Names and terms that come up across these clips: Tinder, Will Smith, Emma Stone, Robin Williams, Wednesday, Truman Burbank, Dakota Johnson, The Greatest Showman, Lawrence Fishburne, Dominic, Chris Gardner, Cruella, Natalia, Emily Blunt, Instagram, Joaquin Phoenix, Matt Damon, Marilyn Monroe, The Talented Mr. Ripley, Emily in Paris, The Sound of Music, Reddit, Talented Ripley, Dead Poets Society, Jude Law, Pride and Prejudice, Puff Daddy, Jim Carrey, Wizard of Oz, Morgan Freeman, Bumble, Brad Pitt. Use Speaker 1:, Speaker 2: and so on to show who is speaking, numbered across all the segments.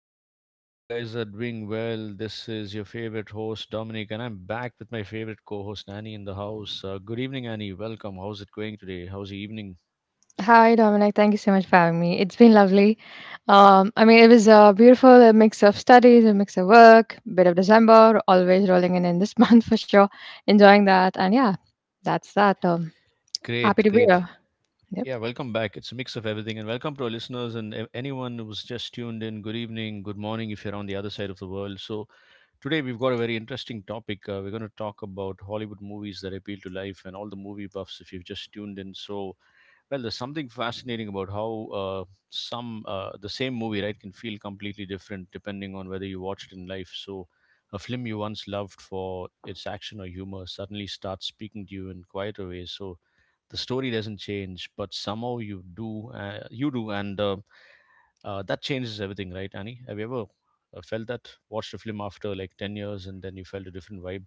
Speaker 1: show. I hope you guys are doing well. This is your favorite host Dominic, and I'm back with my favorite co-host Annie in the house. Good evening, Annie. Welcome. How's it going today? How's the evening?
Speaker 2: Hi, Dominic. Thank you so much for having me. It's been lovely. I mean, it was a beautiful mix of studies, a mix of work, bit of December, always rolling in this month for sure. Enjoying that. And yeah, that's that. Happy
Speaker 1: Great,
Speaker 2: to be
Speaker 1: great.
Speaker 2: here.
Speaker 1: Yeah, welcome back. It's a mix of everything, and welcome to our listeners and anyone who's just tuned in. Good evening, good morning, if you're on the other side of the world. So today we've got a very interesting topic. We're going to talk about Hollywood movies that appeal to life and all the movie buffs. If you've just tuned in, so well, there's something fascinating about how some the same movie, right, can feel completely different depending on whether you watched it in life. So a film you once loved for its action or humor suddenly starts speaking to you in quieter ways. So the story doesn't change, but somehow you do, you do, and that changes everything, right, Annie? Have you ever felt that? Watched a film after like 10 years, and then you felt a different vibe?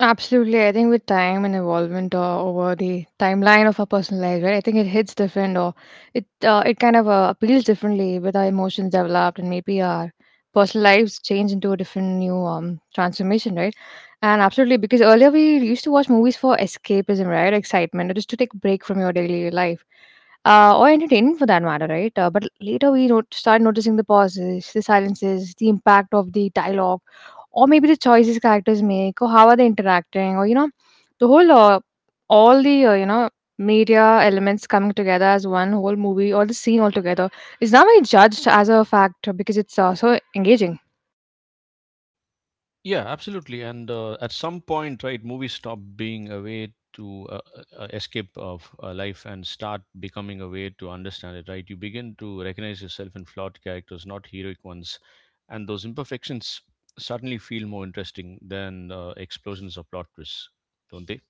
Speaker 2: Absolutely. I think with time and involvement over the timeline of our personal lives, right? I think it hits different, or it kind of appeals differently with our emotions developed and maybe our personal lives change into a different new transformation, right? And absolutely, because earlier we used to watch movies for escapism, right? Excitement, or just to take a break from your daily life. Or entertainment for that matter, right? But later we start noticing the pauses, the silences, the impact of the dialogue, or maybe the choices characters make, or how are they interacting, or the whole all the media elements coming together as one whole movie or the scene altogether is now being judged as a fact because it's so engaging.
Speaker 1: Yeah, absolutely. And at some point, right, movies stop being a way to escape of life and start becoming a way to understand it, right? You begin to recognize yourself in flawed characters, not heroic ones. And those imperfections suddenly feel more interesting than explosions or plot twists, don't they?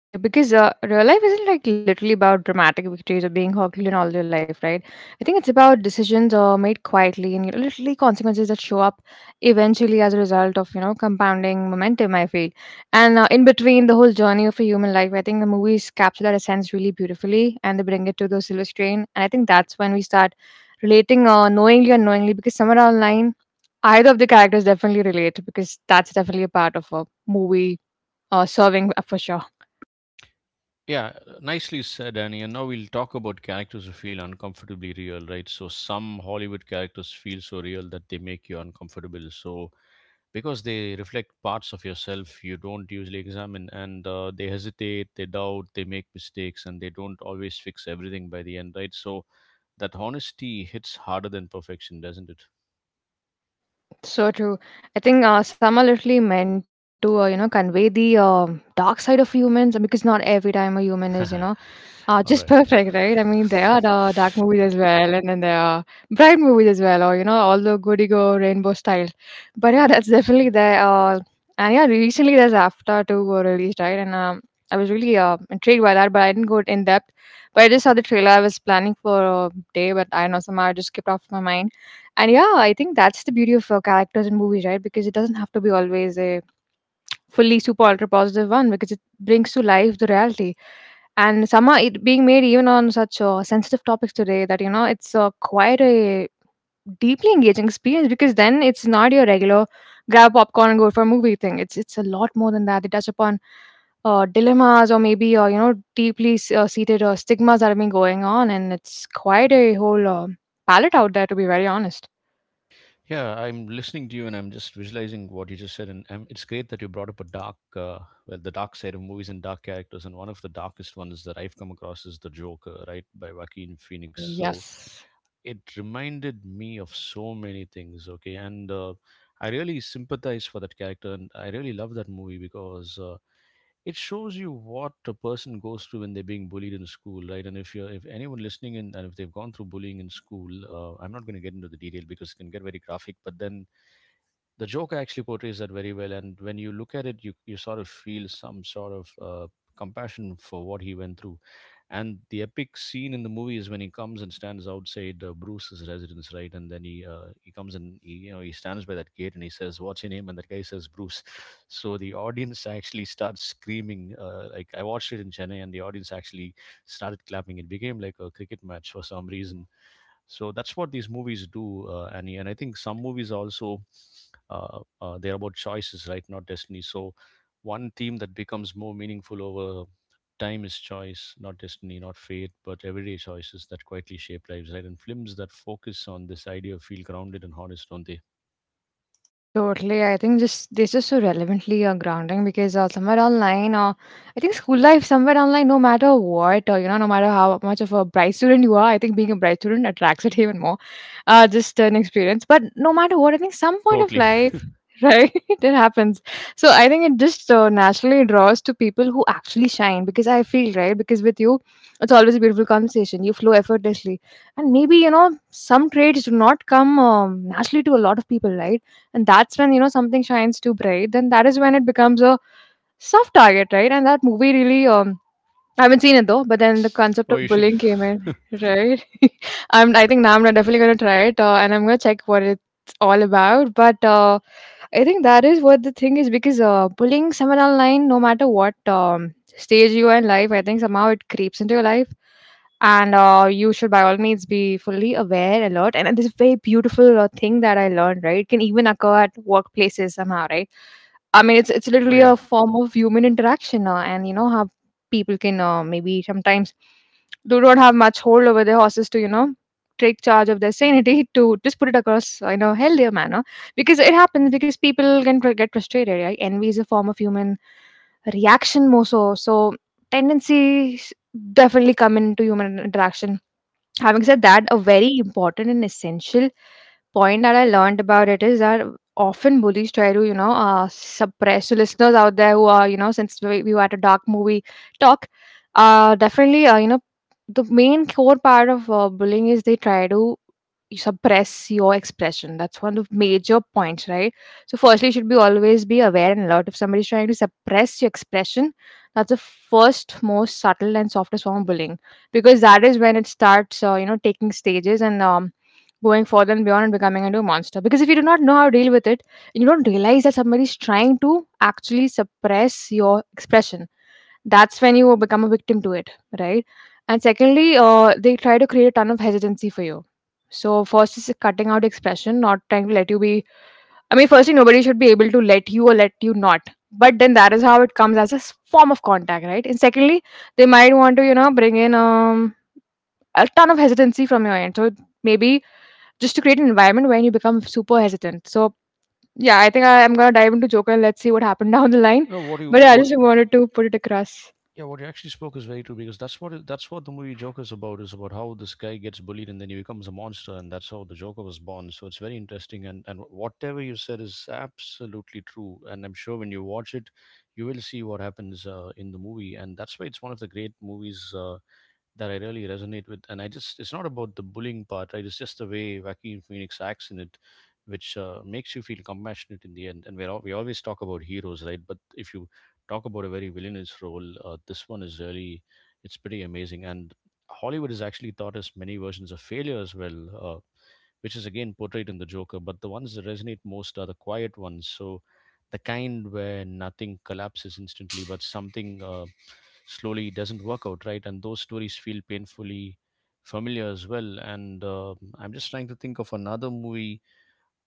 Speaker 2: Exactly, because real life isn't like literally about dramatic victories or being Herculean all your life, right? I think it's about decisions made quietly, and literally consequences that show up eventually as a result of compounding momentum, I feel. And in between the whole journey of a human life, I think the movies capture that essence really beautifully, and they bring it to the silver screen. And I think that's when we start relating knowingly or unknowingly, because somewhere online, either of the characters definitely relate, because that's definitely a part of a movie serving, for sure.
Speaker 1: Yeah, nicely said, Annie. And now we'll talk about characters who feel uncomfortably real, right? So some Hollywood characters feel so real that they make you uncomfortable. So because they reflect parts of yourself you don't usually examine, and they hesitate, they doubt, they make mistakes, and they don't always fix everything by the end, right? So that honesty hits harder than perfection, doesn't it?
Speaker 2: So true. I think some are literally meant to convey the dark side of humans, because not every time a human is, just
Speaker 1: All right.
Speaker 2: perfect, right? I mean, there are the dark movies as well, and then there are bright movies as well, or all the goody go rainbow style. But yeah, that's definitely there. And yeah, recently there's After 2 were released, right? And I was really intrigued by that, but I didn't go in depth. But I just saw the trailer. I was planning for a day, but I know somehow it just skipped off my mind. And yeah, I think that's the beauty of characters in movies, right? Because it doesn't have to be always a fully super ultra positive one, because it brings to life the reality, and somehow it being made even on such sensitive topics today that it's quite a deeply engaging experience, because then it's not your regular grab popcorn and go for a movie thing. It's a lot more than that. They touch upon dilemmas, or maybe deeply seated stigmas that have been going on, and it's quite a whole palette out there, to be very honest.
Speaker 1: Yeah, I'm listening to you and I'm just visualizing what you just said, and it's great that you brought up a dark well, the dark side of movies and dark characters. And one of the darkest ones that I've come across is the Joker, right, by Joaquin Phoenix. So
Speaker 2: Yes.
Speaker 1: it reminded me of so many things, okay? And I really sympathize for that character and I really love that movie, because it shows you what a person goes through when they're being bullied in school, right? And if you're, if anyone listening in and if they've gone through bullying in school, I'm not going to get into the detail because it can get very graphic, but then the Joker actually portrays that very well. And when you look at it, you sort of feel some sort of compassion for what he went through. And the epic scene in the movie is when he comes and stands outside Bruce's residence, right? And then he comes and he, you know, he stands by that gate and he says, "What's your name?" And that guy says, "Bruce." So the audience actually starts screaming. Like I watched it in Chennai, and the audience actually started clapping. It became like a cricket match for some reason. So that's what these movies do, Annie. And I think some movies are also they're about choices, right, not destiny. So one theme that becomes more meaningful over time is choice, not destiny, not fate, but everyday choices that quietly shape lives, right? And films that focus on this idea feel grounded and honest, don't they?
Speaker 2: Totally. I think just this is so relevantly grounding, because somewhere online, I think school life, somewhere online, no matter what, no matter how much of a bright student you are, I think being a bright student attracts it even more. Just an experience. But no matter what, I think some point of
Speaker 1: Totally.
Speaker 2: life, right, it happens. So I think it just naturally draws to people who actually shine, because I feel, right, because with you, it's always a beautiful conversation. You flow effortlessly. And maybe, you know, some traits do not come naturally to a lot of people, right? And that's when something shines too bright, then that is when it becomes a soft target, right? And that movie really, I haven't seen it though, but then the concept
Speaker 1: Oh,
Speaker 2: of
Speaker 1: you should.
Speaker 2: bullying came in, right? I think now I'm definitely gonna try it, and I'm gonna check what it's all about. But I think that is what the thing is, because bullying someone online, no matter what stage you are in life, I think somehow it creeps into your life, and you should by all means be fully aware, alert, and this is very beautiful thing that I learned. Right, it can even occur at workplaces somehow, right? I mean, it's
Speaker 1: Oh
Speaker 2: literally
Speaker 1: yeah.
Speaker 2: a form of human interaction, and how people can maybe sometimes do not have much hold over their horses to take charge of their sanity to just put it across in a healthier manner, because it happens, because people can get frustrated, right? Envy is a form of human reaction, more so tendencies definitely come into human interaction. Having said that, a very important and essential point that I learned about it is that often bullies try to, suppress. So listeners out there who are, since we were at a dark movie talk, definitely, the main core part of bullying is they try to suppress your expression. That's one of the major points, right? So firstly, you should be always be aware and alert. If somebody's trying to suppress your expression, that's the first most subtle and softest form of bullying, because that is when it starts taking stages and going further and beyond and becoming into a monster, because if you do not know how to deal with it, and you don't realize that somebody is trying to actually suppress your expression, that's when you will become a victim to it, right? And secondly, they try to create a ton of hesitancy for you. So first is cutting out expression, not trying to let you be. I mean, firstly nobody should be able to let you or let you not, but then that is how it comes as a form of contact, right? And secondly, they might want to bring in a ton of hesitancy from your end. So maybe just to create an environment where you become super hesitant. So yeah, I think I am gonna dive into Joker and let's see what happened down the line.
Speaker 1: No, what you
Speaker 2: But yeah, I
Speaker 1: what,
Speaker 2: just wanted to put it across.
Speaker 1: yeah, what you actually spoke is very true, because that's what it, that's what the movie Joker's about, is about how this guy gets bullied and then he becomes a monster, and that's how the Joker was born. So it's very interesting. And whatever you said is absolutely true, and I'm sure when you watch it, you will see what happens in the movie, and that's why it's one of the great movies. That I really resonate with. And I just, it's not about the bullying part, right? It's just the way Joaquin Phoenix acts in it, which makes you feel compassionate in the end. And we're all, we always talk about heroes, right? But if you talk about a very villainous role, this one is really, it's pretty amazing. And Hollywood has actually taught us many versions of failure as well. Uh, which is again portrayed in the Joker. But the ones that resonate most are the quiet ones. So the kind where nothing collapses instantly, but something slowly doesn't work out, right? And those stories feel painfully familiar as well. And I'm just trying to think of another movie.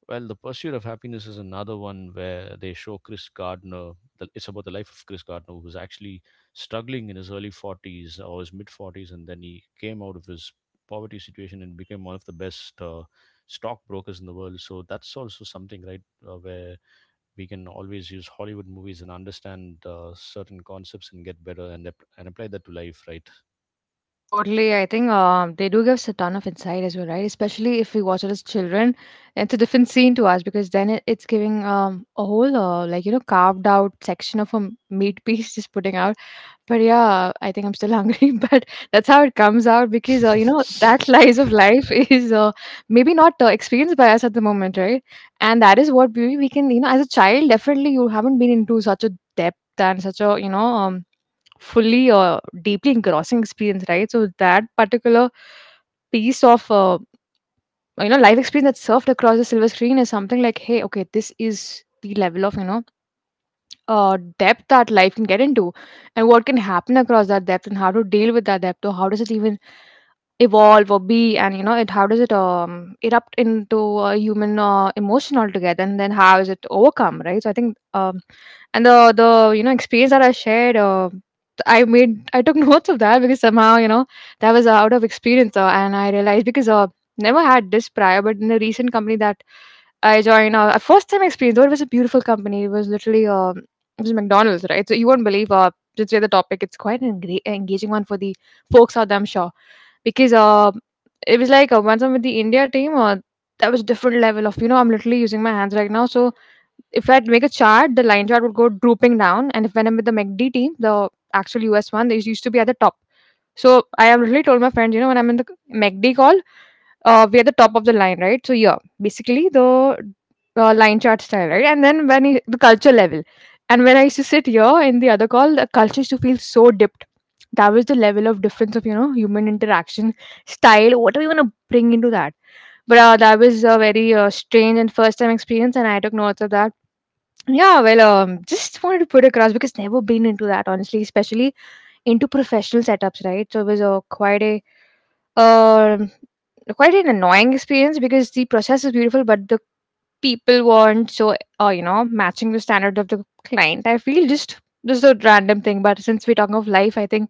Speaker 1: Well, The Pursuit of Happiness is another one where they show Chris Gardner. The, it's about the life of Chris Gardner, who was actually struggling in his early 40s or his mid 40s, and then he came out of his poverty situation and became one of the best stockbrokers in the world. So that's also something, right, where we can always use Hollywood movies and understand certain concepts and get better, and apply that to life, right?
Speaker 2: Totally, I think they do give us a ton of insight as well, right? Especially if we watch it as children, it's a different scene to us, because then it's giving a whole like carved out section of a meat piece just putting out. But yeah, I think I'm still hungry, but that's how it comes out, because, that lies of life is maybe not experienced by us at the moment, right? And that is what we can, as a child, definitely you haven't been into such a depth and such a, fully deeply engrossing experience, right? So that particular piece of, life experience that's served across the silver screen is something like, hey, okay, this is the level of, depth that life can get into, and what can happen across that depth, and how to deal with that depth, or how does it even evolve or be. And it, how does it erupt into a human emotion altogether, and then how is it overcome, right? So I think, and the experience that I shared, I took notes of that, because somehow that was out of experience, and I realized, because never had this prior, but in the recent company that I joined, a first time experience, though it was a beautiful company, it was literally, it was McDonald's, right? So you won't believe, since we're the topic, it's quite an engaging one for the folks out there, I'm sure. Because it was like, once I'm with the India team, that was different level of I'm literally using my hands right now. So if I'd make a chart, the line chart would go drooping down, and if when I'm with the MACD team, the actual US one, they used to be at the top. So I have literally told my friends, when I'm in the MACD call, we are the top of the line, right? So yeah, basically the line chart style, right? And then the culture level, and when I used to sit here in the other call, the culture used to feel so dipped. That was the level of difference of human interaction style. What do we want to bring into that? But that was a very strange and first time experience, and I took notes of that. Yeah, well, just wanted to put across because never been into that honestly, especially into professional setups, right? So it was a um quite an annoying experience because the process is beautiful, but the people weren't so matching the standard of the client. I feel just a random thing, but since we're talking of life, I think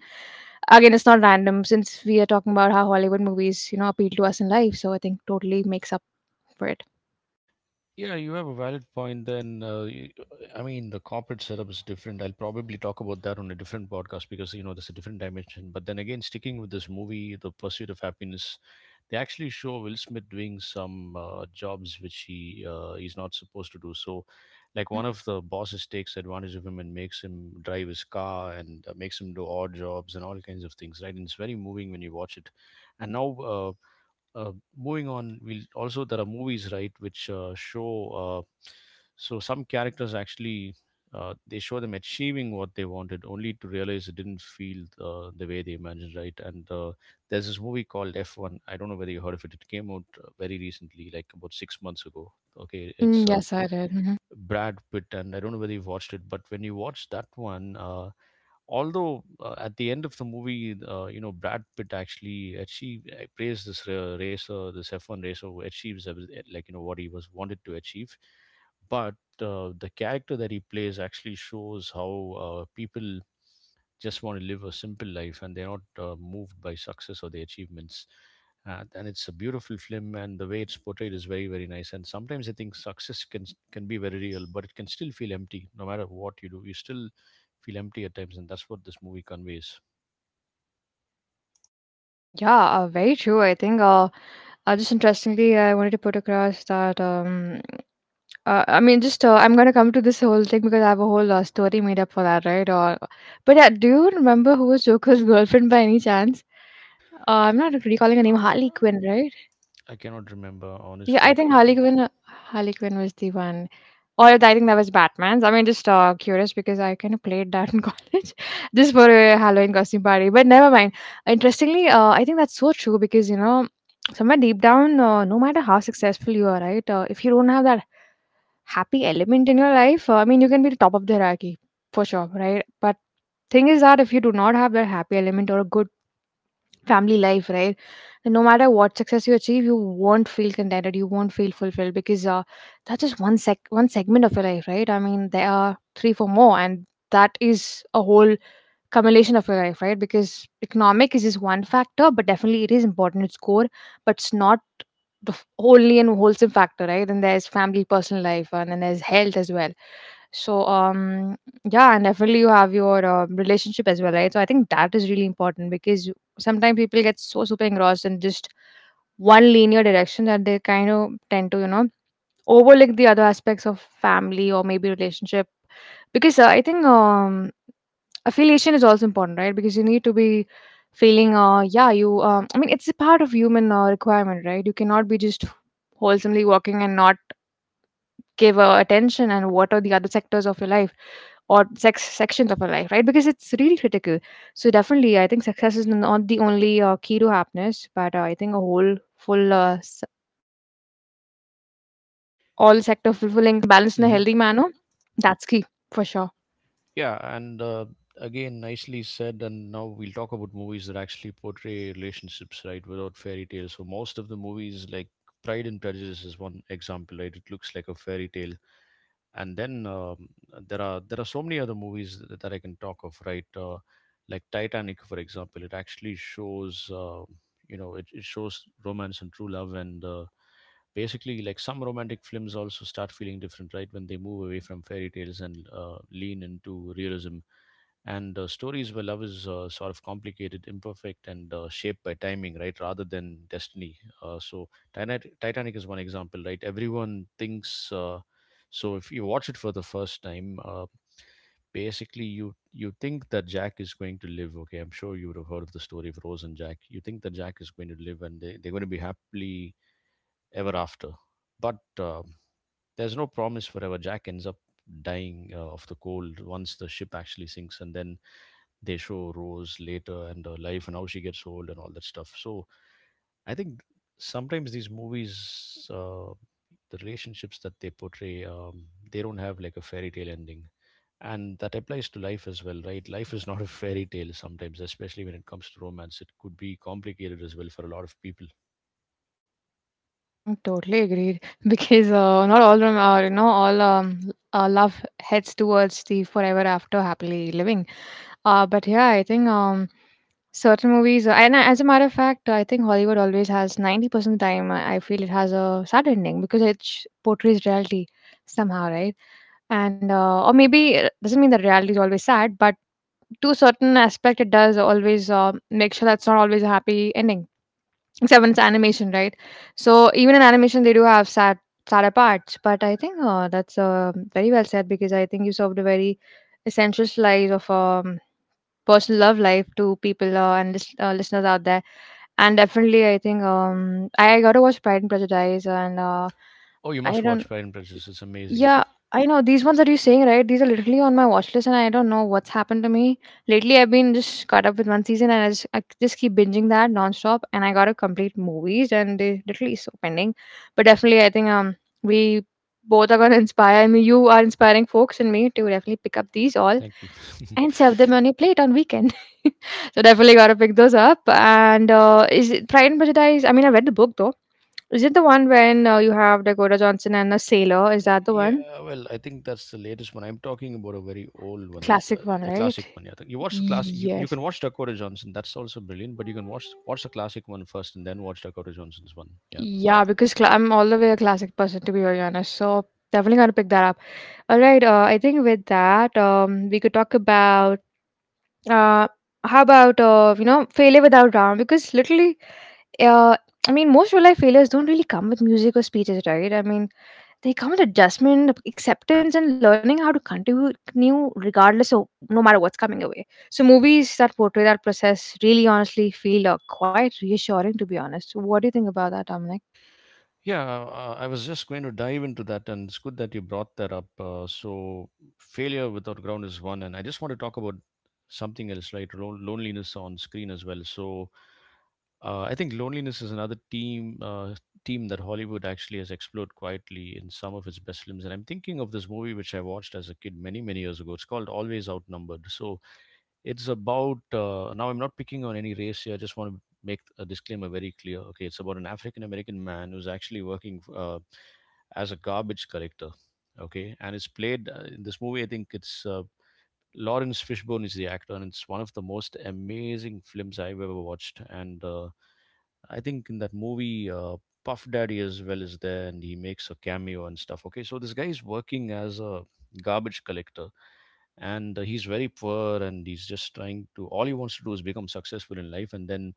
Speaker 2: again it's not random since we are talking about how Hollywood movies appeal to us in life. So I think totally makes up for it.
Speaker 1: Yeah, you have a valid point. Then, I mean, the corporate setup is different. I'll probably talk about that on a different podcast because, you know, there's a different dimension. But then again, sticking with this movie, The Pursuit of Happiness, they actually show Will Smith doing some jobs which he's not supposed to do. So, like,
Speaker 2: Mhm.
Speaker 1: one of the bosses takes advantage of him and makes him drive his car and makes him do odd jobs and all kinds of things, right? And it's very moving when you watch it. And now, moving on, we'll also, there are movies, right, which show uh, so some characters actually they show them achieving what they wanted only to realize it didn't feel the way they imagined, right? And there's this movie called F1, I don't know whether you heard of it. It came out very recently, like about 6 months ago. Okay,
Speaker 2: Mm,
Speaker 1: it's
Speaker 2: yes, I did. Mhm.
Speaker 1: Brad Pitt, and I don't know whether you've watched it, but when you watch that one, although at the end of the movie, you know, Brad Pitt actually achieved, praised this racer, this F1 racer who achieves everything, like, you know, what he was wanted to achieve. But the character that he plays actually shows how people just want to live a simple life and they're not moved by success or the achievements. And it's a beautiful film, and the way it's portrayed is very, very nice. And sometimes I think success can be very real, but it can still feel empty no matter what you do. You still feel empty at times, and that's what this movie conveys.
Speaker 2: Yeah, very true. I think just interestingly, I wanted to put across that I mean, just I'm gonna come to this whole thing because I have a whole story made up for that, right? But yeah, do you remember who was Joker's girlfriend by any chance? Uh, I'm not recalling her name.
Speaker 1: Uh,
Speaker 2: Harley Quinn, right?
Speaker 1: I cannot remember
Speaker 2: Yeah,
Speaker 1: honestly.
Speaker 2: I
Speaker 1: I,
Speaker 2: think
Speaker 1: ca-
Speaker 2: Harley Quinn. Harley Quinn was the one, or I think that was Batman's. I mean, just curious because I kind of played that in college, just for a Halloween costume party. But never mind. Interestingly, I think that's so true because, somewhere deep down, no matter how successful you are, right? If you don't have that happy element in your life, I mean, you can be the top of the hierarchy for sure, right? But thing is that if you do not have that happy element or a good family life, right, then no matter what success you achieve, you won't feel contented, you won't feel fulfilled because that's just one segment of your life, right? I mean, there are three, four more, and that is a whole culmination of your life, right? Because economic is just one factor, but definitely it is important. It's core, but it's not only and wholesome factor, right? Then there's family, personal life, and then there's health as well. So, yeah, and definitely you have your relationship as well, right? So I think that is really important because sometimes people get so super engrossed in just one linear direction that they kind of tend to, overlook the other aspects of family or maybe relationship because I think affiliation is also important, right? Because you need to be feeling yeah, you I mean, it's a part of human requirement, right? You cannot be just wholesomely walking and not give attention and what are the other sectors of your life, or sex sections of your life, right? Because it's really critical. So definitely I think success is not the only key to happiness, but I think a whole full all sector fulfilling, balanced in a healthy manner,
Speaker 1: Mhm.
Speaker 2: that's key for sure.
Speaker 1: Yeah, and again, nicely said. And now we'll talk about movies that actually portray relationships, right, without fairy tales. So most of the movies, like Pride and Prejudice, is one example, right? It looks like a fairy tale, and then there are, there are so many other movies that, that I can talk of, right? Like Titanic, for example, it actually shows, you know, it shows romance and true love, and basically like some romantic films also start feeling different, right, when they move away from fairy tales and lean into realism. And stories where love is sort of complicated, imperfect, and shaped by timing, right, rather than destiny. So Titanic, Titanic is one example, right? Everyone thinks so if you watch it for the first time, basically you think that Jack is going to live. Okay, I'm sure you would have heard of the story of Rose and Jack. You think that Jack is going to live and they, they're going to be happily ever after. But there's no promise forever. Jack ends up dying of the cold once the ship actually sinks, and then they show Rose later and her life and how she gets old and all that stuff. So I think sometimes these movies, the relationships that they portray, they don't have like a fairy tale ending. And that applies to life as well, right? Life is not a fairy tale sometimes, especially when it comes to romance. It could be complicated as well for a lot of people.
Speaker 2: I think totally agreed because not all love heads towards the forever after happily living. But yeah, I think certain movies and as a matter of fact, I think Hollywood always has 90% time. I feel it has a sad ending because it portrays reality somehow, right? And or maybe it doesn't mean that reality is always sad, but to a certain aspect, it does always make sure that's not always a happy ending. Seven's animation, right? So even in animation, they do have sad, sadder parts. But I think that's very well said because I think you served a very essential slice of personal love life to people and listeners out there. And definitely, I think I got to watch Pride and Prejudice, and
Speaker 1: Oh, you
Speaker 2: I
Speaker 1: must watch
Speaker 2: don't
Speaker 1: Pride and Prejudice. It's amazing.
Speaker 2: yeah, I know these ones that you're saying, right? These are literally on my watch list, and I don't know what's happened to me lately. I've been just caught up with one season, and I just keep binging that nonstop. And I gotta complete movies, and they literally so pending. But definitely, I think we both are gonna inspire me. You are inspiring folks and me to definitely pick up these all
Speaker 1: Thank you.
Speaker 2: and serve them on your plate on weekend. So definitely gotta pick those up. And is it Pride and Prejudice? I mean, I read the book though. Is it the one when you have Dakota Johnson and a sailor? Is that the one?
Speaker 1: Yeah, well, I think that's the latest one. I'm talking about a very old one,
Speaker 2: Classic one,
Speaker 1: the
Speaker 2: right?
Speaker 1: classic one. Yeah, I think you watch the class. You
Speaker 2: Yes.
Speaker 1: can watch Dakota Johnson. That's also brilliant. But you can watch the classic one first, and then watch Dakota Johnson's one. Yeah.
Speaker 2: Yeah, because cla I'm all the way a classic person, to be very honest. So definitely gonna pick that up. All right. I think with that, we could talk about uh, how about failure without drama? Because literally, uh, I mean, most real life failures don't really come with music or speeches, right? I mean, they come with adjustment, acceptance, and learning how to contribute new regardless of no matter what's coming away. So movies that portray that process really honestly feel quite reassuring to be honest. So, what do you think about that, Dominic?
Speaker 1: Yeah, I was just going to dive into that, and it's good that you brought that up. Failure without ground is one, and I just want to talk about something else, right? Loneliness on screen as well. I think loneliness is another team that Hollywood actually has explored quietly in some of its best films. And I'm thinking of this movie which I watched as a kid many many years ago. It's called Always Outnumbered. So, it's about now. I'm not picking on any race here. I just want to make a disclaimer very clear. Okay, it's about an African American man who's actually working as a garbage collector. Okay, and it's played in this movie. I think it's Lawrence Fishburne is the actor, and it's one of the most amazing films I've ever watched. And I think in that movie, Puff Daddy as well is there, and he makes a cameo and stuff. Okay, so this guy is working as a garbage collector, and he's very poor, and he's just trying to. All he wants to do is become successful in life, and then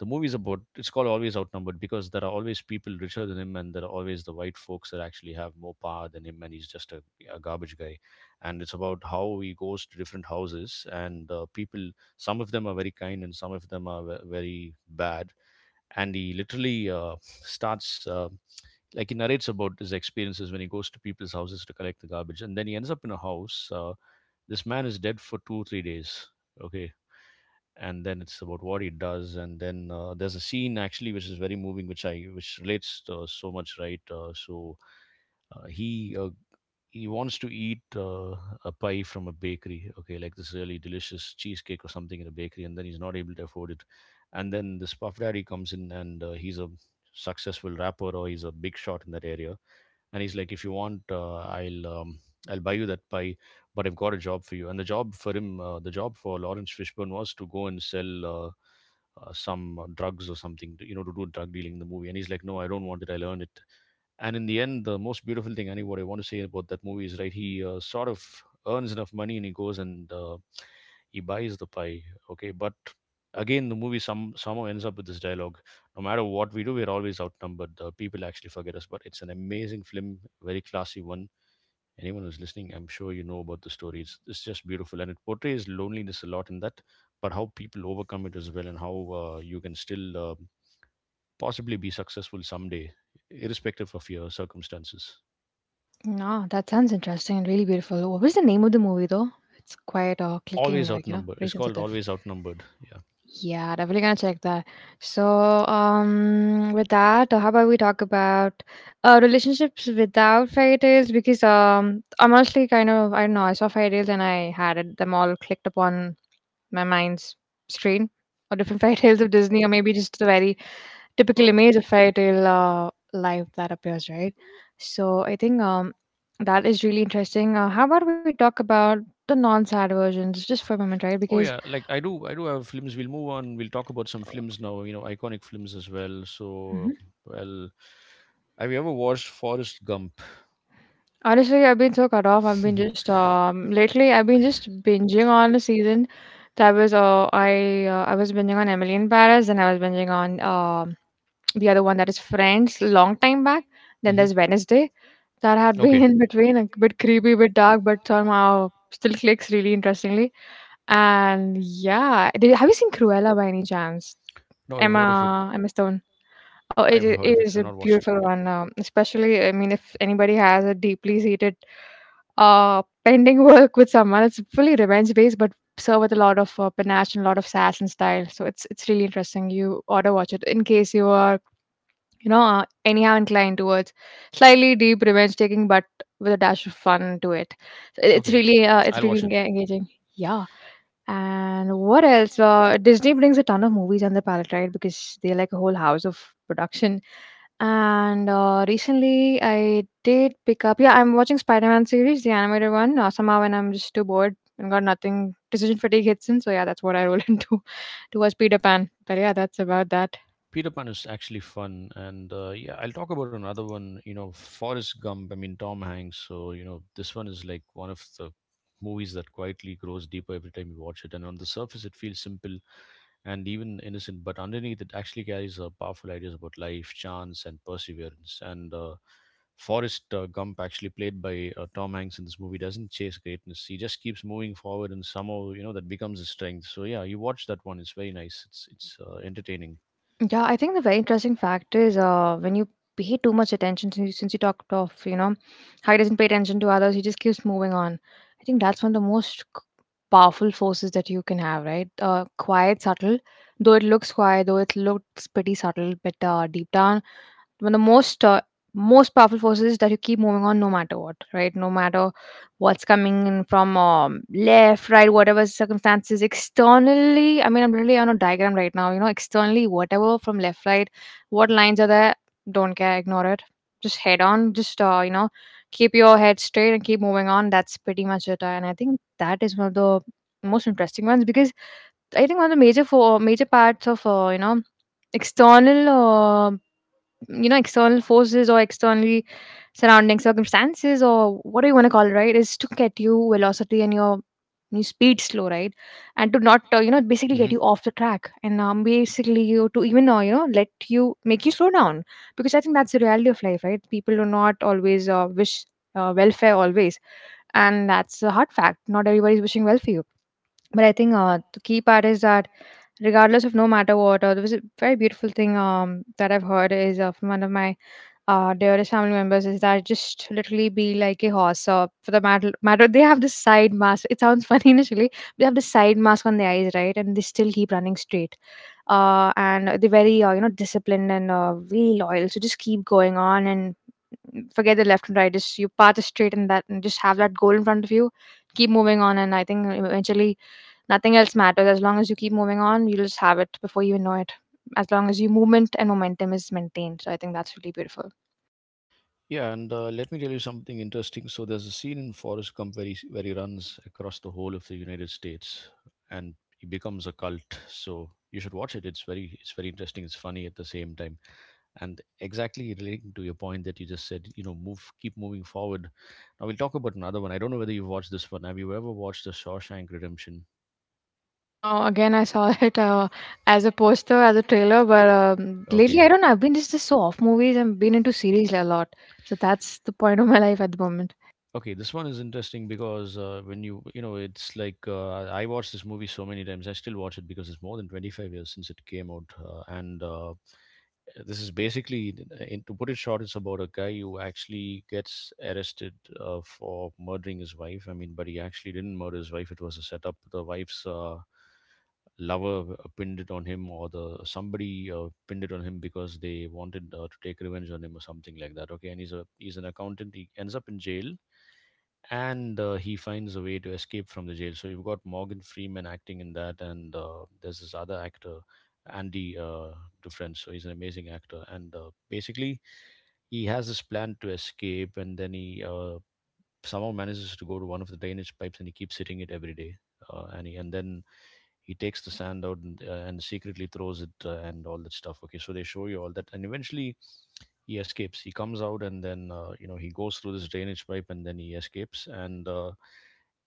Speaker 1: the movie's about it's called Always Outnumbered because there are always people richer than him, and there are always the white folks that actually have more power than him, and he's just a garbage guy. And it's about how he goes to different houses, and people, some of them are very kind, and some of them are very bad. And he literally starts. Like he narrates about his experiences when he goes to people's houses to collect the garbage, and then he ends up in a house this man is dead for two-three days. Okay, and then it's about what he does. And then there's a scene actually which is very moving which I which relates so much, right? Uh, he uh, he wants to eat a pie from a bakery. Okay, like this really delicious cheesecake or something in a bakery, and then he's not able to afford it. And then this Puff Daddy comes in, and he's a successful rapper, or he's a big shot in that area. And he's like, if you want, I'll buy you that pie, but I've got a job for you. And the job for him, the job for Lawrence Fishburne, was to go and sell some drugs or something, to, you know, to do drug dealing in the movie. And he's like, no, I don't want it. I'll earn it. And in the end, the most beautiful thing, Annie, what I want to say about that movie is, right, he sort of earns enough money and he goes and he buys the pie. Okay. But again, the movie somehow ends up with this dialogue, no matter what we do, we're always outnumbered. People actually forget us, but it's an amazing film, very classy one. Anyone who's listening, I'm sure you know about the story. It's just beautiful, and it portrays loneliness a lot in that, but how people overcome it as well, and how you can still possibly be successful someday, irrespective of your circumstances.
Speaker 2: No, that sounds interesting and really beautiful. What was the name of the movie though? It's quite clicking,
Speaker 1: Always
Speaker 2: like, you know,
Speaker 1: outnumbered.
Speaker 2: very
Speaker 1: It's called
Speaker 2: sensitive.
Speaker 1: Always Outnumbered. Yeah.
Speaker 2: Yeah, definitely gonna check that. So, with that, how about we talk about relationships without fairy tales? Because I'm honestly kind of I don't know. I saw fairy tales and I had it, them all clicked upon my mind's screen, or different fairy tales of Disney, or maybe just the very typical
Speaker 1: Uh,
Speaker 2: image of fairy tale life that appears, right? So I think that is really interesting. How about we talk about the non-sad versions just for a moment, right?
Speaker 1: Oh
Speaker 2: Because
Speaker 1: yeah, like I do have films. We'll move on. We'll talk about some films now. You know, iconic films as well. So, well, have you ever watched Forrest Gump?
Speaker 2: honestly, I've been so cut off. I've been just lately I've been just binging on a season that was I was binging on Emily in Paris, then I was binging on the other one that is Friends long time back. Then
Speaker 1: Mhm.
Speaker 2: there's Wednesday that
Speaker 1: Mhm.
Speaker 2: had
Speaker 1: Okay.
Speaker 2: been in between, like, a bit creepy, bit dark, but somehow still clicks really interestingly. And yeah, did, have you seen Cruella by any chance?
Speaker 1: No, I've
Speaker 2: Emma
Speaker 1: heard of it.
Speaker 2: Emma Stone. Oh,
Speaker 1: I've heard of
Speaker 2: it
Speaker 1: it.
Speaker 2: is
Speaker 1: I've
Speaker 2: a
Speaker 1: not watched it.
Speaker 2: beautiful
Speaker 1: Yeah.
Speaker 2: one. Especially, I mean, if anybody has a deeply seated pending work with someone. It's fully revenge based, but served with a lot of panache and a lot of sass and style. So it's really interesting. You ought to watch it in case you are, you know, anyhow inclined towards slightly deep revenge taking, but with a dash of fun to it. So it's
Speaker 1: Okay.
Speaker 2: really it's
Speaker 1: I'll
Speaker 2: really
Speaker 1: watch it.
Speaker 2: engaging. Yeah. And what else? Disney brings a ton of movies on the palette, right? Because they're like a whole house of production and recently, I did pick up. Yeah, I'm watching Spider-Man series, the animated one. Somehow, when I'm just too bored and got nothing, decision fatigue hits in. So yeah, that's what I roll into to watch Peter Pan. But yeah, that's about that.
Speaker 1: Peter Pan is actually fun, and yeah, I'll talk about another one. You know, Forrest Gump. I mean, Tom Hanks. So you know, this one is like one of the movies that quietly grows deeper every time you watch it, and on the surface, it feels simple, and even innocent, but underneath it actually carries powerful ideas about life, chance, and perseverance. And Forrest Gump, actually played by Tom Hanks in this movie, doesn't chase greatness. He just keeps moving forward, and somehow you know that becomes his strength. So yeah, you watch that one; it's very nice. It's entertaining.
Speaker 2: Yeah, I think the very interesting fact is when you pay too much attention, since you talked of, you know, how he doesn't pay attention to others, he just keeps moving on. I think that's one of the most powerful forces that you can have, right? Quiet, subtle, though it looks quiet, though it looks pretty subtle, but deep down one of the most most powerful forces is that you keep moving on, no matter what, right? No matter what's coming in from left, right, whatever circumstances externally. I mean, I'm really on a diagram right now, you know, externally whatever from left, right, what lines are there, don't care, ignore it, just head on, just keep your head straight and keep moving on. That's pretty much it. And I think that is one of the most interesting ones because I think one of the major for major parts of external external forces or externally surrounding circumstances or what do you want to call it, right, is to get you velocity and your speed slow, right? And to not basically get
Speaker 1: Hmm.
Speaker 2: you off the track and basically you to even let you make you slow down because I think that's the reality of life, right? People do not always wish welfare always. And that's a hard fact. Not everybody's wishing well for you. But I think the key part is that regardless of no matter what, there was a very beautiful thing that I've heard is from one of my dearest family members is that just literally be like a horse, or for the matter they have this side mask. It sounds funny initially, they have this side mask on their eyes, right? And they still keep running straight. And they're very disciplined and really loyal. So just keep going on and forget the left and right, just you path is straight, and that, and just have that goal in front of you, keep moving on. And I think eventually nothing else matters, as long as you keep moving on. You'll just have it before you know it, as long as your movement and momentum is maintained. So I think that's really beautiful.
Speaker 1: Yeah, and let me tell you something interesting. So there's a scene in Forrest Gump where he runs across the whole of the United States, and he becomes a cult. So you should watch it. It's very interesting. It's funny at the same time, and exactly relating to your point that you just said. You know, move, keep moving forward. Now we'll talk about another one. I don't know whether you've watched this one. Have you ever watched The Shawshank Redemption?
Speaker 2: No, again, I saw it as a poster, as a trailer, but lately
Speaker 1: Okay,
Speaker 2: I don't know. I've been just so off movies. I've been into series a lot, so that's the point of my life at the moment.
Speaker 1: okay, this one is interesting because when you know it's like I watched this movie so many times. I still watch it because it's more than 25 years since it came out, and this is basically, to put it short, it's about a guy who actually gets arrested for murdering his wife. I mean, but he actually didn't murder his wife. It was a setup. The wife's lover pinned it on him, or the somebody pinned it on him because they wanted to take revenge on him or something like that. Okay, and he's a he's an accountant. He ends up in jail, and he finds a way to escape from the jail. So you've got Morgan Freeman acting in that, and there's this other actor, Andy Dufresne. So he's an amazing actor, and basically he has this plan to escape, and then he somehow manages to go to one of the drainage pipes, and he keeps hitting it every day. And then he takes the sand out, and secretly throws it and all that stuff. Okay, so they show you all that, and eventually he escapes. He comes out, and then you know he goes through this drainage pipe and then he escapes and.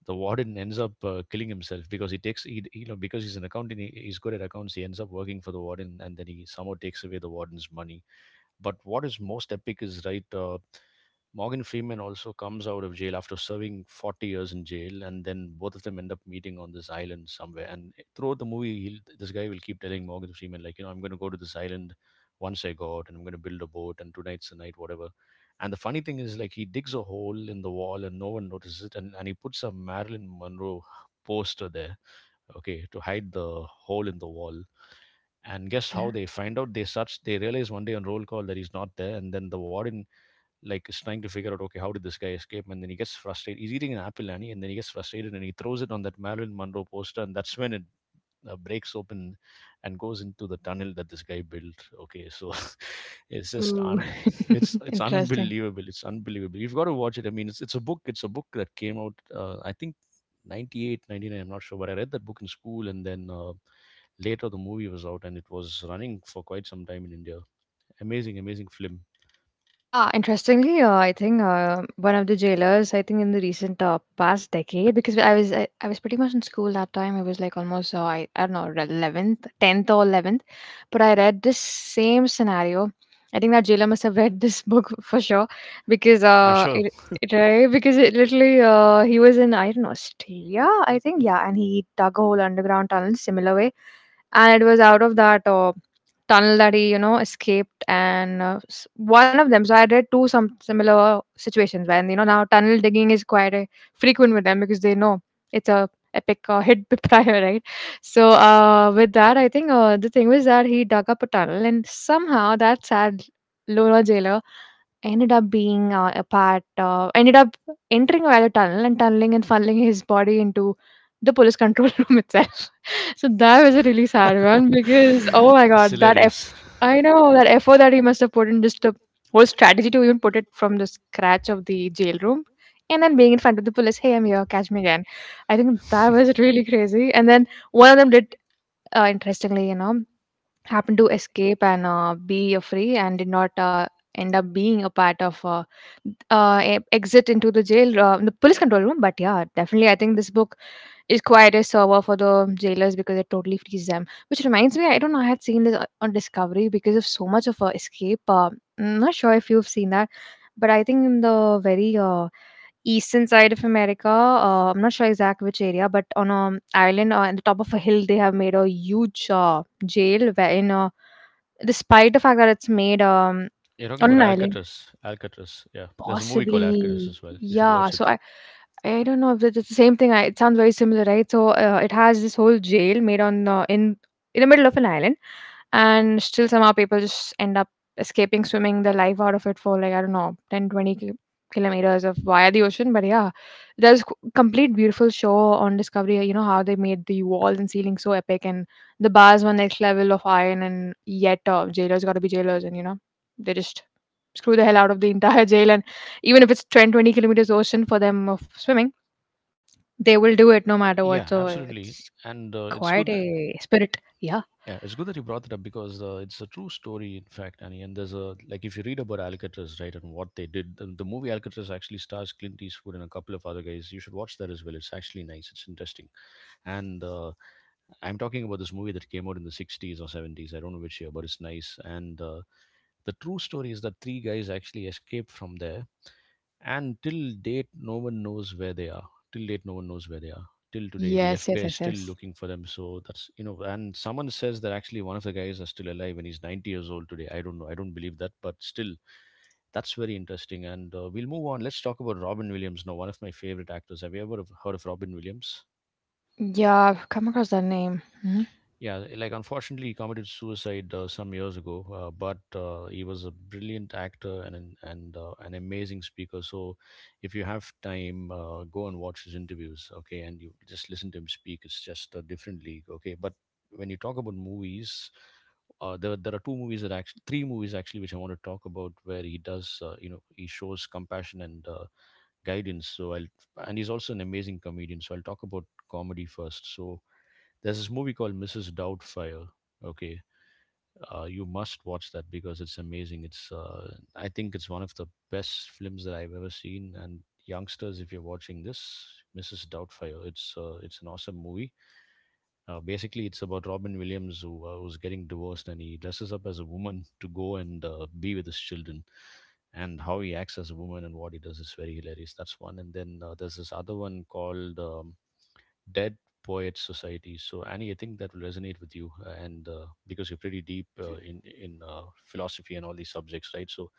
Speaker 1: The warden ends up killing himself because you know, because he's an accountant, he's good at accounts. He ends up working for the warden, and then he somehow takes away the warden's money. But what is most epic is, right, Morgan Freeman also comes out of jail after serving 40 years in jail, and then both of them end up meeting on this island somewhere. And throughout the movie, this guy will keep telling Morgan Freeman, like, you know, I'm going to go to this island once I go out, and I'm going to build a boat, and tonight's the night, whatever. And the funny thing is, like, he digs a hole in the wall, and no one notices it, and he puts a Marilyn Monroe poster there, okay, to hide the hole in the wall. And guess
Speaker 2: Okay.
Speaker 1: how they find out. They search, they realize one day on roll call that he's not there, and then the warden like is trying to figure out, okay, how did this guy escape? And then he gets frustrated. He's eating an apple, Annie, and then he gets frustrated, and he throws it on that Marilyn Monroe poster, and that's when it breaks open and goes into the tunnel that this guy built. Okay, so it's just
Speaker 2: Ooh,
Speaker 1: un- it's
Speaker 2: interesting.
Speaker 1: unbelievable. You've got to watch it. I mean, it's a book that came out I think 98 99, I'm not sure, but I read that book in school. And then later, the movie was out, and it was running for quite some time in India. Amazing, amazing film.
Speaker 2: Yeah, interestingly, I think one of the jailers, I think in the recent past decade, because I was pretty much in school that time. I was like almost I don't know 11th, 10th or 11th, but I read this same scenario. I think that jailer must have read this book for sure because
Speaker 1: I'm sure.
Speaker 2: it, right? Because it literally he was in, I don't know, Australia, I think, yeah, and he dug a whole underground tunnel similar way, and it was out of that tunnel that he, you know, escaped, and one of them. So I read two some similar situations where, you know, now tunnel digging is quite a frequent with them because they know it's a epic hit prior, right? So with that, I think the thing was that he dug up a tunnel, and somehow that sad Lola jailer ended up being ended up entering via the tunnel and tunneling and funneling his body into the police control room itself. So that was a really sad one because, oh my
Speaker 1: it's
Speaker 2: god, that F,
Speaker 1: hilarious.
Speaker 2: I know that effort that he must have put in, just the whole strategy to even put it from the scratch of the jail room and then being in front of the police, hey, I'm here, catch me again. I think that was really crazy. And then one of them did, interestingly, you know, happened to escape and be free and did not end up being a part of exit into the jail, the police control room. But yeah, definitely, I think this book is quite a server for the jailers because it totally frees them. Which reminds me, I don't know, I had seen this on Discovery because of so much of escape. I'm not sure if you've seen that, but I think in the very eastern side of America. I'm not sure exact which area, but on an island, on the top of a hill, they have made a huge jail wherein, despite the fact that it's made
Speaker 1: You're talking
Speaker 2: on
Speaker 1: about
Speaker 2: an island.
Speaker 1: Alcatraz. Alcatraz, yeah. There's a movie called Alcatraz as
Speaker 2: Possibly,
Speaker 1: well. You should
Speaker 2: yeah.
Speaker 1: watch it.
Speaker 2: So I don't know if it's the same thing. It sounds very similar, right? So it has this whole jail made on in the middle of an island, and still somehow people just end up escaping, swimming their life out of it for like, I don't know, 10, 20 kilometers of via the ocean. But yeah, there's complete beautiful show on Discovery. You know how they made the walls and ceiling so epic, and the bars were next level of iron, and yet jailers got to be jailers, and you know they just screw the hell out of the entire jail. Even if it's 10, 20 kilometers ocean for them of swimming, they will do it no matter what.
Speaker 1: Yeah,
Speaker 2: So it's
Speaker 1: absolutely. And
Speaker 2: quite
Speaker 1: it's good. That-
Speaker 2: a spirit. Yeah.
Speaker 1: Yeah, it's good that you brought it up because it's a true story, in fact, Annie. And there's a like if you read about Alcatraz, right, and what they did, the movie Alcatraz actually stars Clint Eastwood and a couple of other guys. You should watch that as well. It's actually nice. It's interesting, and I'm talking about this movie that came out in the 60s or 70s. I don't know which year, but it's nice. And the true story is that three guys actually escaped from there, and till date, no one knows where they are. Till date, no one knows where they are. Till today, the
Speaker 2: Yes,
Speaker 1: FBI
Speaker 2: yes,
Speaker 1: is
Speaker 2: yes,
Speaker 1: still
Speaker 2: yes.
Speaker 1: looking for them. So that's you know, and someone says that actually one of the guys is still alive and he's 90 years old today. I don't know. I don't believe that, but still, that's very interesting. And we'll move on. Let's talk about Robin Williams now, one of my favorite actors. Have you ever heard of Robin Williams?
Speaker 2: Yeah, I've come across that name. Mhm.
Speaker 1: Yeah, like unfortunately, he committed suicide some years ago. But he was a brilliant actor and an amazing speaker. So, if you have time, go and watch his interviews. Okay, and you just listen to him speak. It's just a different league. Okay, but when you talk about movies, there are two movies that actually three movies actually which I want to talk about where he does he shows compassion and guidance. So I'll and he's also an amazing comedian. So I'll talk about comedy first. So there's this movie called Mrs. Doubtfire. Okay, you must watch that because it's amazing. It's I think it's one of the best films that I've ever seen. And youngsters, if you're watching this, Mrs. Doubtfire, it's an awesome movie. Basically, it's about Robin Williams who was getting divorced, and he dresses up as a woman to go and be with his children, and how he acts as a woman and what he does is very hilarious. That's one. And then there's this other one called Dead Poets Society. So Annie, I think that will resonate with you, and because you're pretty deep in philosophy and all these subjects, right? So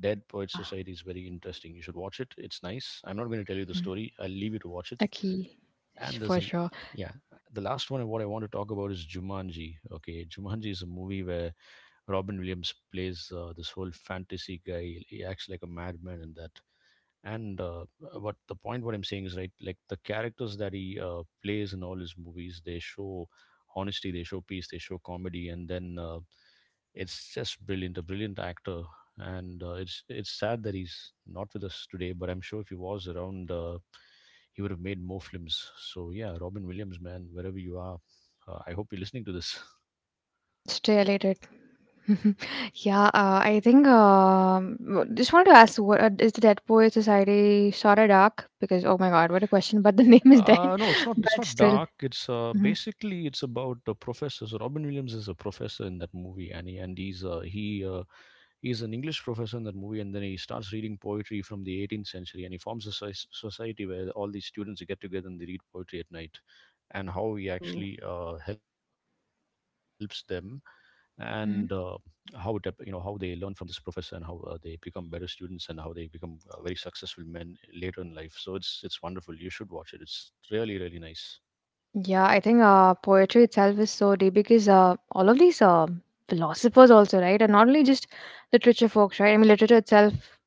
Speaker 1: Dead Poets
Speaker 2: Ah,
Speaker 1: Society is very interesting. You should watch it. It's nice. I'm not going to tell you the
Speaker 2: mm,
Speaker 1: story. I'll leave you to watch it.
Speaker 2: okay,
Speaker 1: And
Speaker 2: for
Speaker 1: there's an
Speaker 2: sure.
Speaker 1: yeah, the last one. What I want to talk about is Jumanji. Okay, Jumanji is a movie where Robin Williams plays this whole fantasy guy. He acts like a madman in that. And what the point what I'm saying is right, like the characters that he plays in all his movies, they show honesty, they show peace, they show comedy, and then it's just brilliant, a brilliant actor. And it's sad that he's not with us today, but I'm sure if he was around, he would have made more films. So yeah, Robin Williams, man, wherever you are, I hope you're listening to this.
Speaker 2: Mm, stay related. Yeah, I think just wanted to ask, what is the Dead Poets Society shot a dark? Because, oh my god, what a question! But the name is dead,
Speaker 1: No, it's not. It's
Speaker 2: but
Speaker 1: not
Speaker 2: still.
Speaker 1: dark. It's
Speaker 2: Mhm.
Speaker 1: Basically, it's about the professor. So Robin Williams is a professor in that movie, and he's an English professor in that movie, and then he starts reading poetry from the 18th century, and he forms a society where all these students get together and they read poetry at night, and how he
Speaker 2: Ooh.
Speaker 1: actually helps them, and you know how they learn from this professor, and how they become better students, and how they become very successful men later in life. So it's wonderful. You should watch it. It's really really nice.
Speaker 2: Yeah, I think poetry itself is so deep because all of these philosophers also, right? And not only just literature folks, right? I mean, literature itself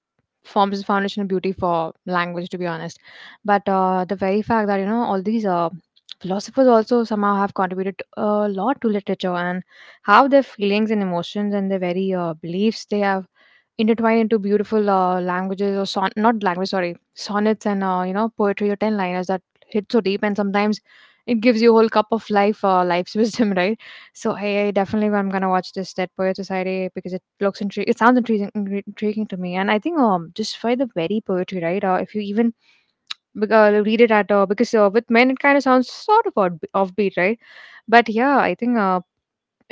Speaker 2: forms the foundation of beauty for language, to be honest. But the very fact that, you know, all these philosophers also somehow have contributed a lot to literature, and how their feelings and emotions and their very beliefs they have intertwined into beautiful languages or not language, sorry, sonnets and, poetry, or 10 liners that hit so deep, and sometimes it gives you a whole cup of life, life's wisdom, right? So I definitely, I'm gonna watch this Dead Poet Society because it looks intriguing. It sounds intriguing, intriguing to me, and I think um, just by the very poetry, right? If you even read it at because with men it kind of sounds sort of odd, offbeat, right? But yeah, I think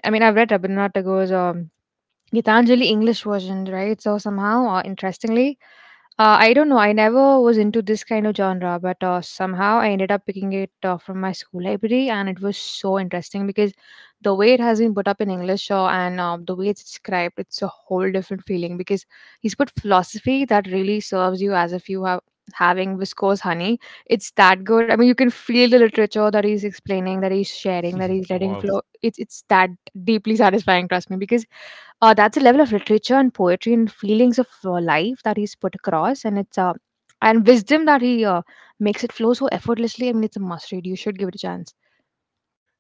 Speaker 2: I mean, I've read Rabindranath Tagore's Gitanjali English version, right? So somehow, interestingly, I don't know. I never was into this kind of genre, but somehow I ended up picking it from my school library, and it was so interesting because the way it has been put up in English, and the way it's described, it's a whole different feeling because he's put philosophy that really serves you as if you have having viscose honey. It's that good. I mean, you can feel the literature that he's explaining, that he's sharing, that he's letting
Speaker 1: Wow.
Speaker 2: flow. It's that deeply satisfying. Trust me, because that's a level of literature and poetry and feelings of life that he's put across, and it's and wisdom that he makes it flow so effortlessly. I mean, it's a must read. You should give it a chance.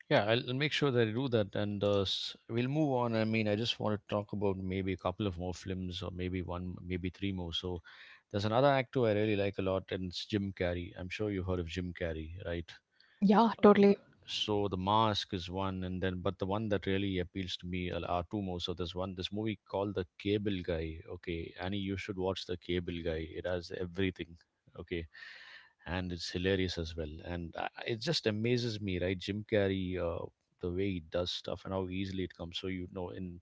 Speaker 1: Yeah, I'll make sure that I do that, and we'll move on. I mean, I just want to talk about maybe a couple of more films, or maybe one, maybe three more. So, there's another actor I really like a lot, and it's Jim Carrey. I'm sure you've heard of Jim Carrey, right?
Speaker 2: Yeah, totally.
Speaker 1: So the Mask is one, and then but the one that really appeals to me are two more. So there's one, this movie called The Cable Guy. Okay, Annie, you should watch The Cable Guy. It has everything. Okay,
Speaker 2: Mhm.
Speaker 1: and it's hilarious as well. And I, it just amazes me, right? Jim Carrey, the way he does stuff and how easily it comes. So you know,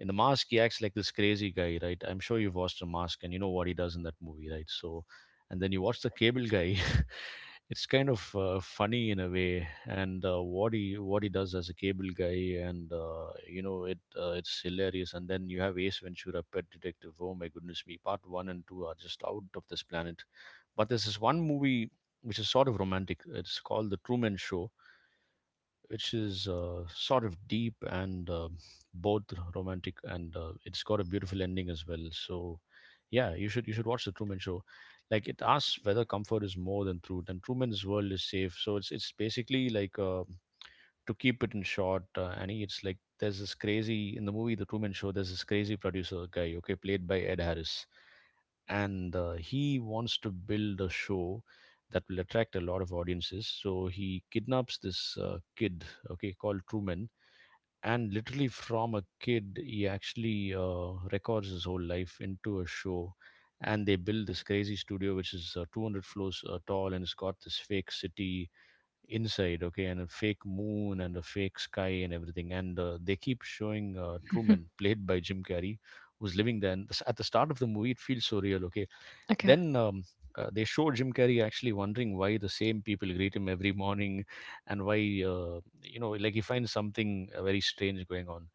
Speaker 1: in The Mask, he acts like this crazy guy, right? I'm sure you've watched The Mask and you know what he does in that movie, right? So and then you watch The Cable Guy. It's kind of funny in a way, and what he, what he does as a cable guy, and you know it's hilarious. And then you have Ace Ventura Pet Detective. Oh my goodness me, part one and two are just out of this planet. But there's this one movie which is sort of romantic. It's called The Truman Show, which is sort of deep, and both romantic and it's got a beautiful ending as well. So yeah, you should watch The Truman Show. Like, it asks whether comfort is more than truth and Truman's world is safe. So it's basically like a, to keep it in short, Annie, it's like there's this crazy, in the movie The Truman Show, there's this crazy producer guy, okay, played by Ed Harris, and he wants to build a show that will attract a lot of audiences. So he kidnaps this kid, okay, called Truman, and literally from a kid, he actually records his whole life into a show. And they build this crazy studio, which is 200 floors tall, and it's got this fake city inside. Okay, and a fake moon and a fake sky and everything. And they keep showing Truman, played by Jim Carrey, who's living there. And at the start of the movie, it feels so real. Okay,
Speaker 2: okay.
Speaker 1: then they show Jim Carrey actually wondering why the same people greet him every morning, and why, like, he finds something very strange going on,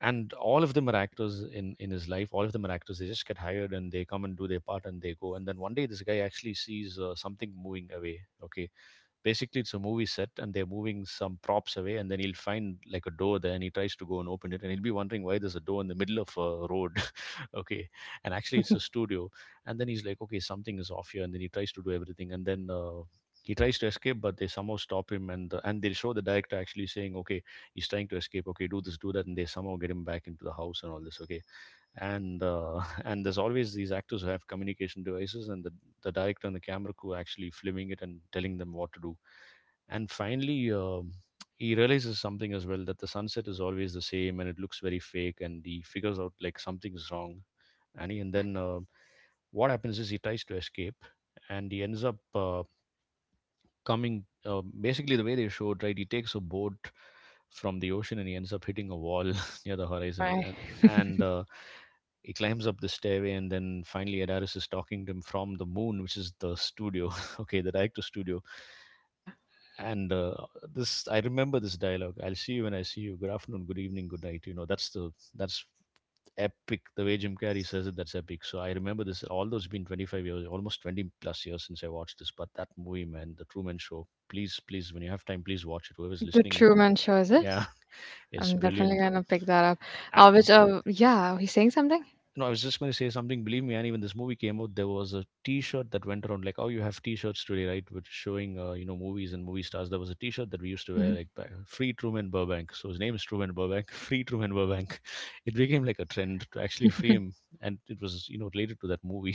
Speaker 1: and all of them are actors in his life. All of them are actors. They just get hired and they come and do their part and they go. And then one day this guy actually sees something moving away. Okay, basically, it's a movie set, and they're moving some props away, and then he'll find like a door there, and he tries to go and open it, and he'll be wondering why there's a door in the middle of a road. Okay, and actually, it's a studio, and then he's like, okay, something is off here, and then he tries to do everything, and then. He tries to escape, but they somehow stop him, and they show the director actually saying, "Okay, he's trying to escape. Okay, do this, do that," and they somehow get him back into the house and all this. Okay, and and there's always these actors who have communication devices, and the director and the camera crew actually filming it and telling them what to do. And finally, he realizes something as well, that the sunset is always the same and it looks very fake, and he figures out like something's wrong. and, he, and
Speaker 2: Uh,
Speaker 1: then uh, what happens is he tries to escape, and he ends up coming, basically, the way they showed, right, he takes a boat from the ocean and he ends up hitting a wall near the
Speaker 2: oh
Speaker 1: horizon.
Speaker 2: my.
Speaker 1: and, and uh, he climbs up the stairway, and then finally Adaris is talking to him from the moon, which is the studio. Okay, the director studio.
Speaker 2: Okay.
Speaker 1: And this, I remember this dialogue, "I'll see you when I see you. Good afternoon, good evening, good night." You know, that's epic. The way Jim Carrey says it, that's epic. So I remember this. Although it's been 25 years, almost 20 plus years since I watched this, but that movie, man, The Truman Show. Please, please, when you have time, please watch it. Whoever's
Speaker 2: The
Speaker 1: listening,
Speaker 2: Truman Show is it?
Speaker 1: yeah, it's
Speaker 2: I'm definitely
Speaker 1: brilliant.
Speaker 2: gonna pick that up.
Speaker 1: And
Speaker 2: Which, yeah, he's saying something.
Speaker 1: no, I was just going to say something. Believe me, Annie, when this movie came out, there was a T-shirt that went around. Like, oh, you have T-shirts today, right? Which showing, movies and movie stars. There was a T-shirt that we used to wear, like, back, free Truman Burbank. So his name is Truman Burbank. Free Truman Burbank. It became like a trend to actually free
Speaker 2: Mhm.
Speaker 1: him, and it was, you know, related to that movie.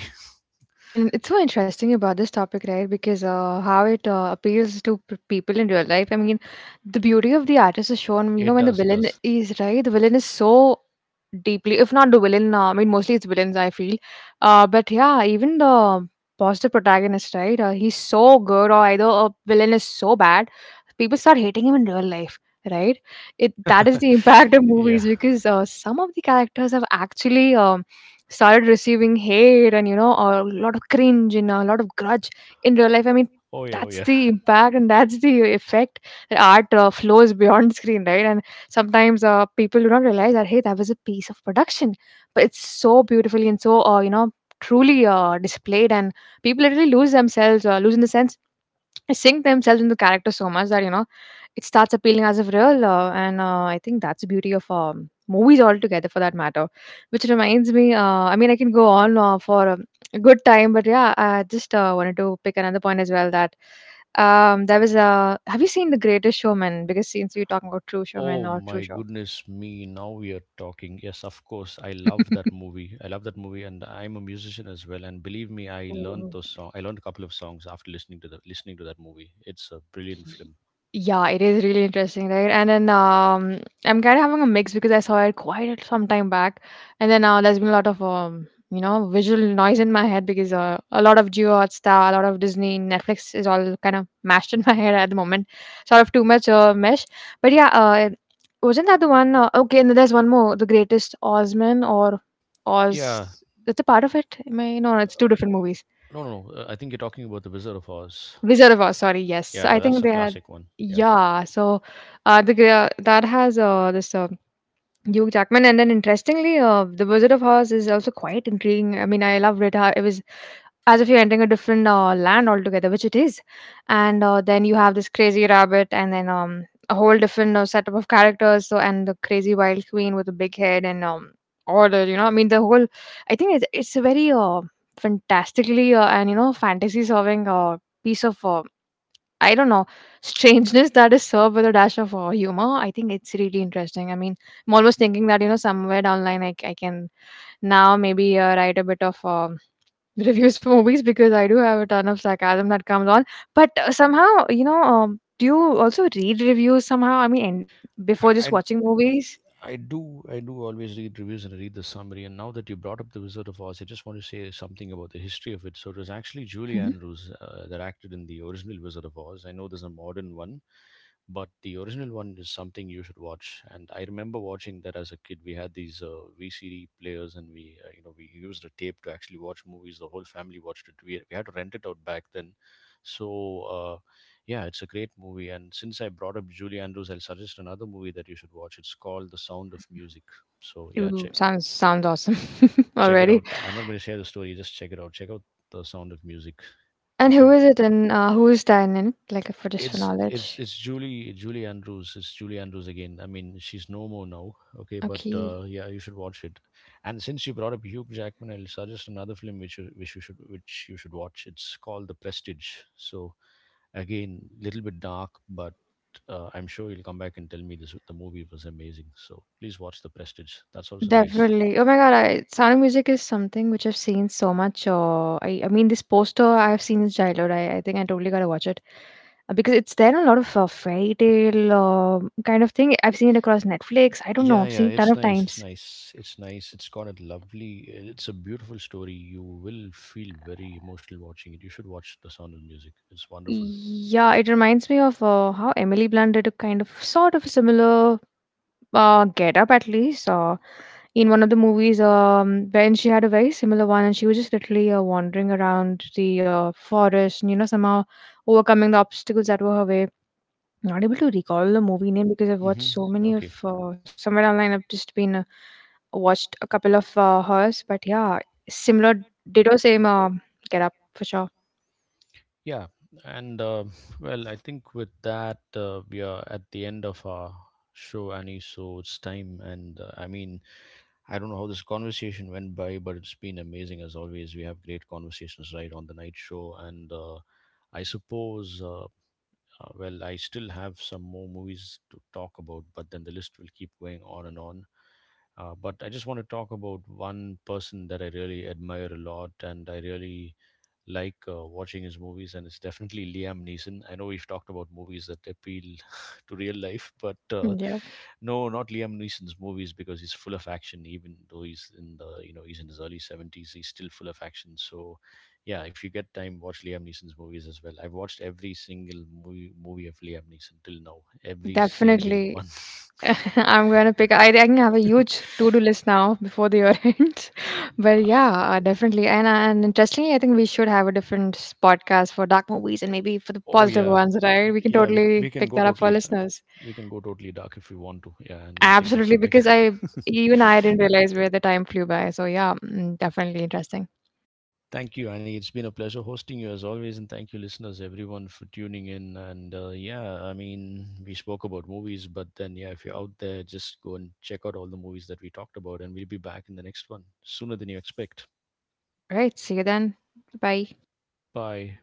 Speaker 2: And it's so interesting about this topic, right? Because how it appeals to people in real life. I mean, the beauty of the artist is shown, you know,
Speaker 1: It
Speaker 2: when the
Speaker 1: does. It
Speaker 2: villain
Speaker 1: does.
Speaker 2: is right, the villain is so deeply, if not the villain, I mean, mostly it's villains, I feel. But yeah, even the positive protagonist, right? He's so good, or either a villain is so bad, people start hating him in real life, right? It, that is the impact of movies
Speaker 1: Yeah.
Speaker 2: because some of the characters have actually. Started receiving hate, and you know, a lot of cringe and a lot of grudge in real life. I mean,
Speaker 1: Oh yeah. Oh
Speaker 2: that's
Speaker 1: yeah.
Speaker 2: the impact and that's the effect that art flows beyond screen, right? And sometimes people do not realize that, hey, that was a piece of production, but it's so beautifully and so truly displayed, and people literally lose themselves, lose in the sense, sink themselves in the character so much that, you know, it starts appealing as of real, and I think that's the beauty of movies altogether, for that matter. Which reminds me, I mean, I can go on for a good time, but yeah, I just wanted to pick another point as well that, um, there was a, have you seen The Greatest Showman? Because since we are talking about true showman
Speaker 1: Oh
Speaker 2: or true
Speaker 1: my
Speaker 2: show.
Speaker 1: goodness me, now we are talking. Yes, of course. I love that movie. I love that movie, and I'm a musician as well, and believe me, I learned
Speaker 2: Oh.
Speaker 1: those song I learned a couple of songs after listening to that movie. It's a brilliant film.
Speaker 2: Yeah, it is really interesting, right? And then I'm kind of having a mix because I saw it quite some time back, and then there's been a lot of visual noise in my head because a lot of Geo Hotstar, a lot of Disney, Netflix is all kind of mashed in my head at the moment, sort of too much mesh. But yeah, wasn't that the one? Okay, and there's one more, The Greatest Ozman or
Speaker 1: Yeah.
Speaker 2: Oz. That's a part of it. Am I? No, no,
Speaker 1: Uh,
Speaker 2: it's two different movies.
Speaker 1: no, I think you're talking about The Wizard of Oz.
Speaker 2: Wizard of Oz, sorry, yes. So,
Speaker 1: Yeah,
Speaker 2: I
Speaker 1: that's
Speaker 2: think
Speaker 1: a
Speaker 2: they had,
Speaker 1: classic one. Yeah.
Speaker 2: yeah, so the that has this Hugh Jackman, and then interestingly, the Wizard of Oz is also quite intriguing. I mean, I loved it. How it was as if you're entering a different land altogether, which it is, and then you have this crazy rabbit, and then a whole different setup of characters. So, and the crazy wild queen with the big head, and all the, you know, I mean, the whole. I think it's a very fantastically and, you know, fantasy solving piece of I don't know, strangeness that is served with a dash of humor. I think it's really interesting. I mean, I'm almost thinking that, you know, somewhere down the line I can now maybe write a bit of reviews for movies because I do have a ton of sarcasm that comes on. But somehow, you know, do you also read reviews somehow? I mean, and before
Speaker 1: I,
Speaker 2: just
Speaker 1: I
Speaker 2: watching movies?
Speaker 1: I do always read reviews and read the summary. And now that you brought up The Wizard of Oz, I just want to say something about the history of it. So it was actually Julie
Speaker 2: Mhm.
Speaker 1: Andrews that acted in the original Wizard of Oz. I know there's a modern one, but the original one is something you should watch. And I remember watching that as a kid. We had these VCD players, and we we used a tape to actually watch movies. The whole family watched it. We had to rent it out back then. So uh, yeah, it's a great movie. And since I brought up Julie Andrews, I'll suggest another movie that you should watch. It's called The Sound of Music. So yeah,
Speaker 2: Ooh,
Speaker 1: check
Speaker 2: sounds awesome
Speaker 1: check it
Speaker 2: already.
Speaker 1: out. I'm not going to share the story. Just check it out. Check out The Sound of Music.
Speaker 2: And
Speaker 1: It's a
Speaker 2: who is it, and who is that in? Like, for just for
Speaker 1: it's it's
Speaker 2: knowledge.
Speaker 1: it's Julie Andrews. It's Julie Andrews again. I mean, she's no more now. Okay, but
Speaker 2: Okay.
Speaker 1: yeah, you should watch it. And since you brought up Hugh Jackman, I'll suggest another film which you should watch. It's called The Prestige. So again, little bit dark, but I'm sure you'll come back and tell me this the movie was amazing. So please watch The Prestige. That's also nice.
Speaker 2: Definitely. Oh my God, Sound of Music is something which I've seen so much. I mean, this poster I've seen in childhood. I think I totally gotta watch it. Because it's there in a lot of fairy tale kind of thing. I've seen it across Netflix. I don't know.
Speaker 1: Yeah,
Speaker 2: I've
Speaker 1: yeah,
Speaker 2: seen it ton
Speaker 1: it's
Speaker 2: of
Speaker 1: nice. It's
Speaker 2: times.
Speaker 1: nice. It's nice. It's got a lovely. It's a beautiful story. You will feel very emotional watching it. You should watch The Sound of Music. It's wonderful.
Speaker 2: Yeah, it reminds me of how Emily Blunt did a kind of sort of similar, Get Up at least. In one of the movies, when she had a very similar one, and she was just literally wandering around the forest, and, you know, somehow overcoming the obstacles that were her way. Not able to recall the movie name because I've watched
Speaker 1: Mm-hmm.
Speaker 2: so many of,
Speaker 1: Okay.
Speaker 2: somewhere online. I've just been watched a couple of hers, but yeah, similar, ditto, same. Get Up for sure.
Speaker 1: Yeah, and well, I think with that we are at the end of our show, Annie. So it's time, and I mean, I don't know how this conversation went by, but it's been amazing as always. We have great conversations right on the night show, and I suppose, uh, well, I still have some more movies to talk about, but then the list will keep going on and on. But I just want to talk about one person that I really admire a lot, and I really like watching his movies, and it's definitely Liam Neeson. I know we've talked about movies that appeal to real life, but
Speaker 2: Yeah,
Speaker 1: no, not Liam Neeson's movies because he's full of action. Even though he's in the he's in his early 70s, he's still full of action. So, yeah, if you get time, watch Liam Neeson's movies as well. I've watched every single movie of Liam Neeson till now, every single
Speaker 2: definitely.
Speaker 1: one.
Speaker 2: I'm gonna pick. I think I have a huge to-do list now before the year ends. But yeah, definitely. And interestingly, I think we should have a different podcast for dark movies and maybe for the
Speaker 1: Uh, Oh
Speaker 2: positive
Speaker 1: yeah,
Speaker 2: ones, right? We can
Speaker 1: yeah. We
Speaker 2: totally
Speaker 1: we can
Speaker 2: pick
Speaker 1: go
Speaker 2: that up for listeners.
Speaker 1: We can go totally dark if we want to. Yeah, and we'll think of
Speaker 2: Absolutely,
Speaker 1: something.
Speaker 2: because I, even I didn't realize where the time flew by. So yeah, mm, definitely interesting.
Speaker 1: Thank you, Annie. It's been a pleasure hosting you as always, and thank you, listeners, everyone, for tuning in. And yeah, I mean, we spoke about movies, but then yeah, if you're out there, just go and check out all the movies that we talked about, and we'll be back in the next one sooner than you expect.
Speaker 2: All right, see you then. Bye.
Speaker 1: Bye.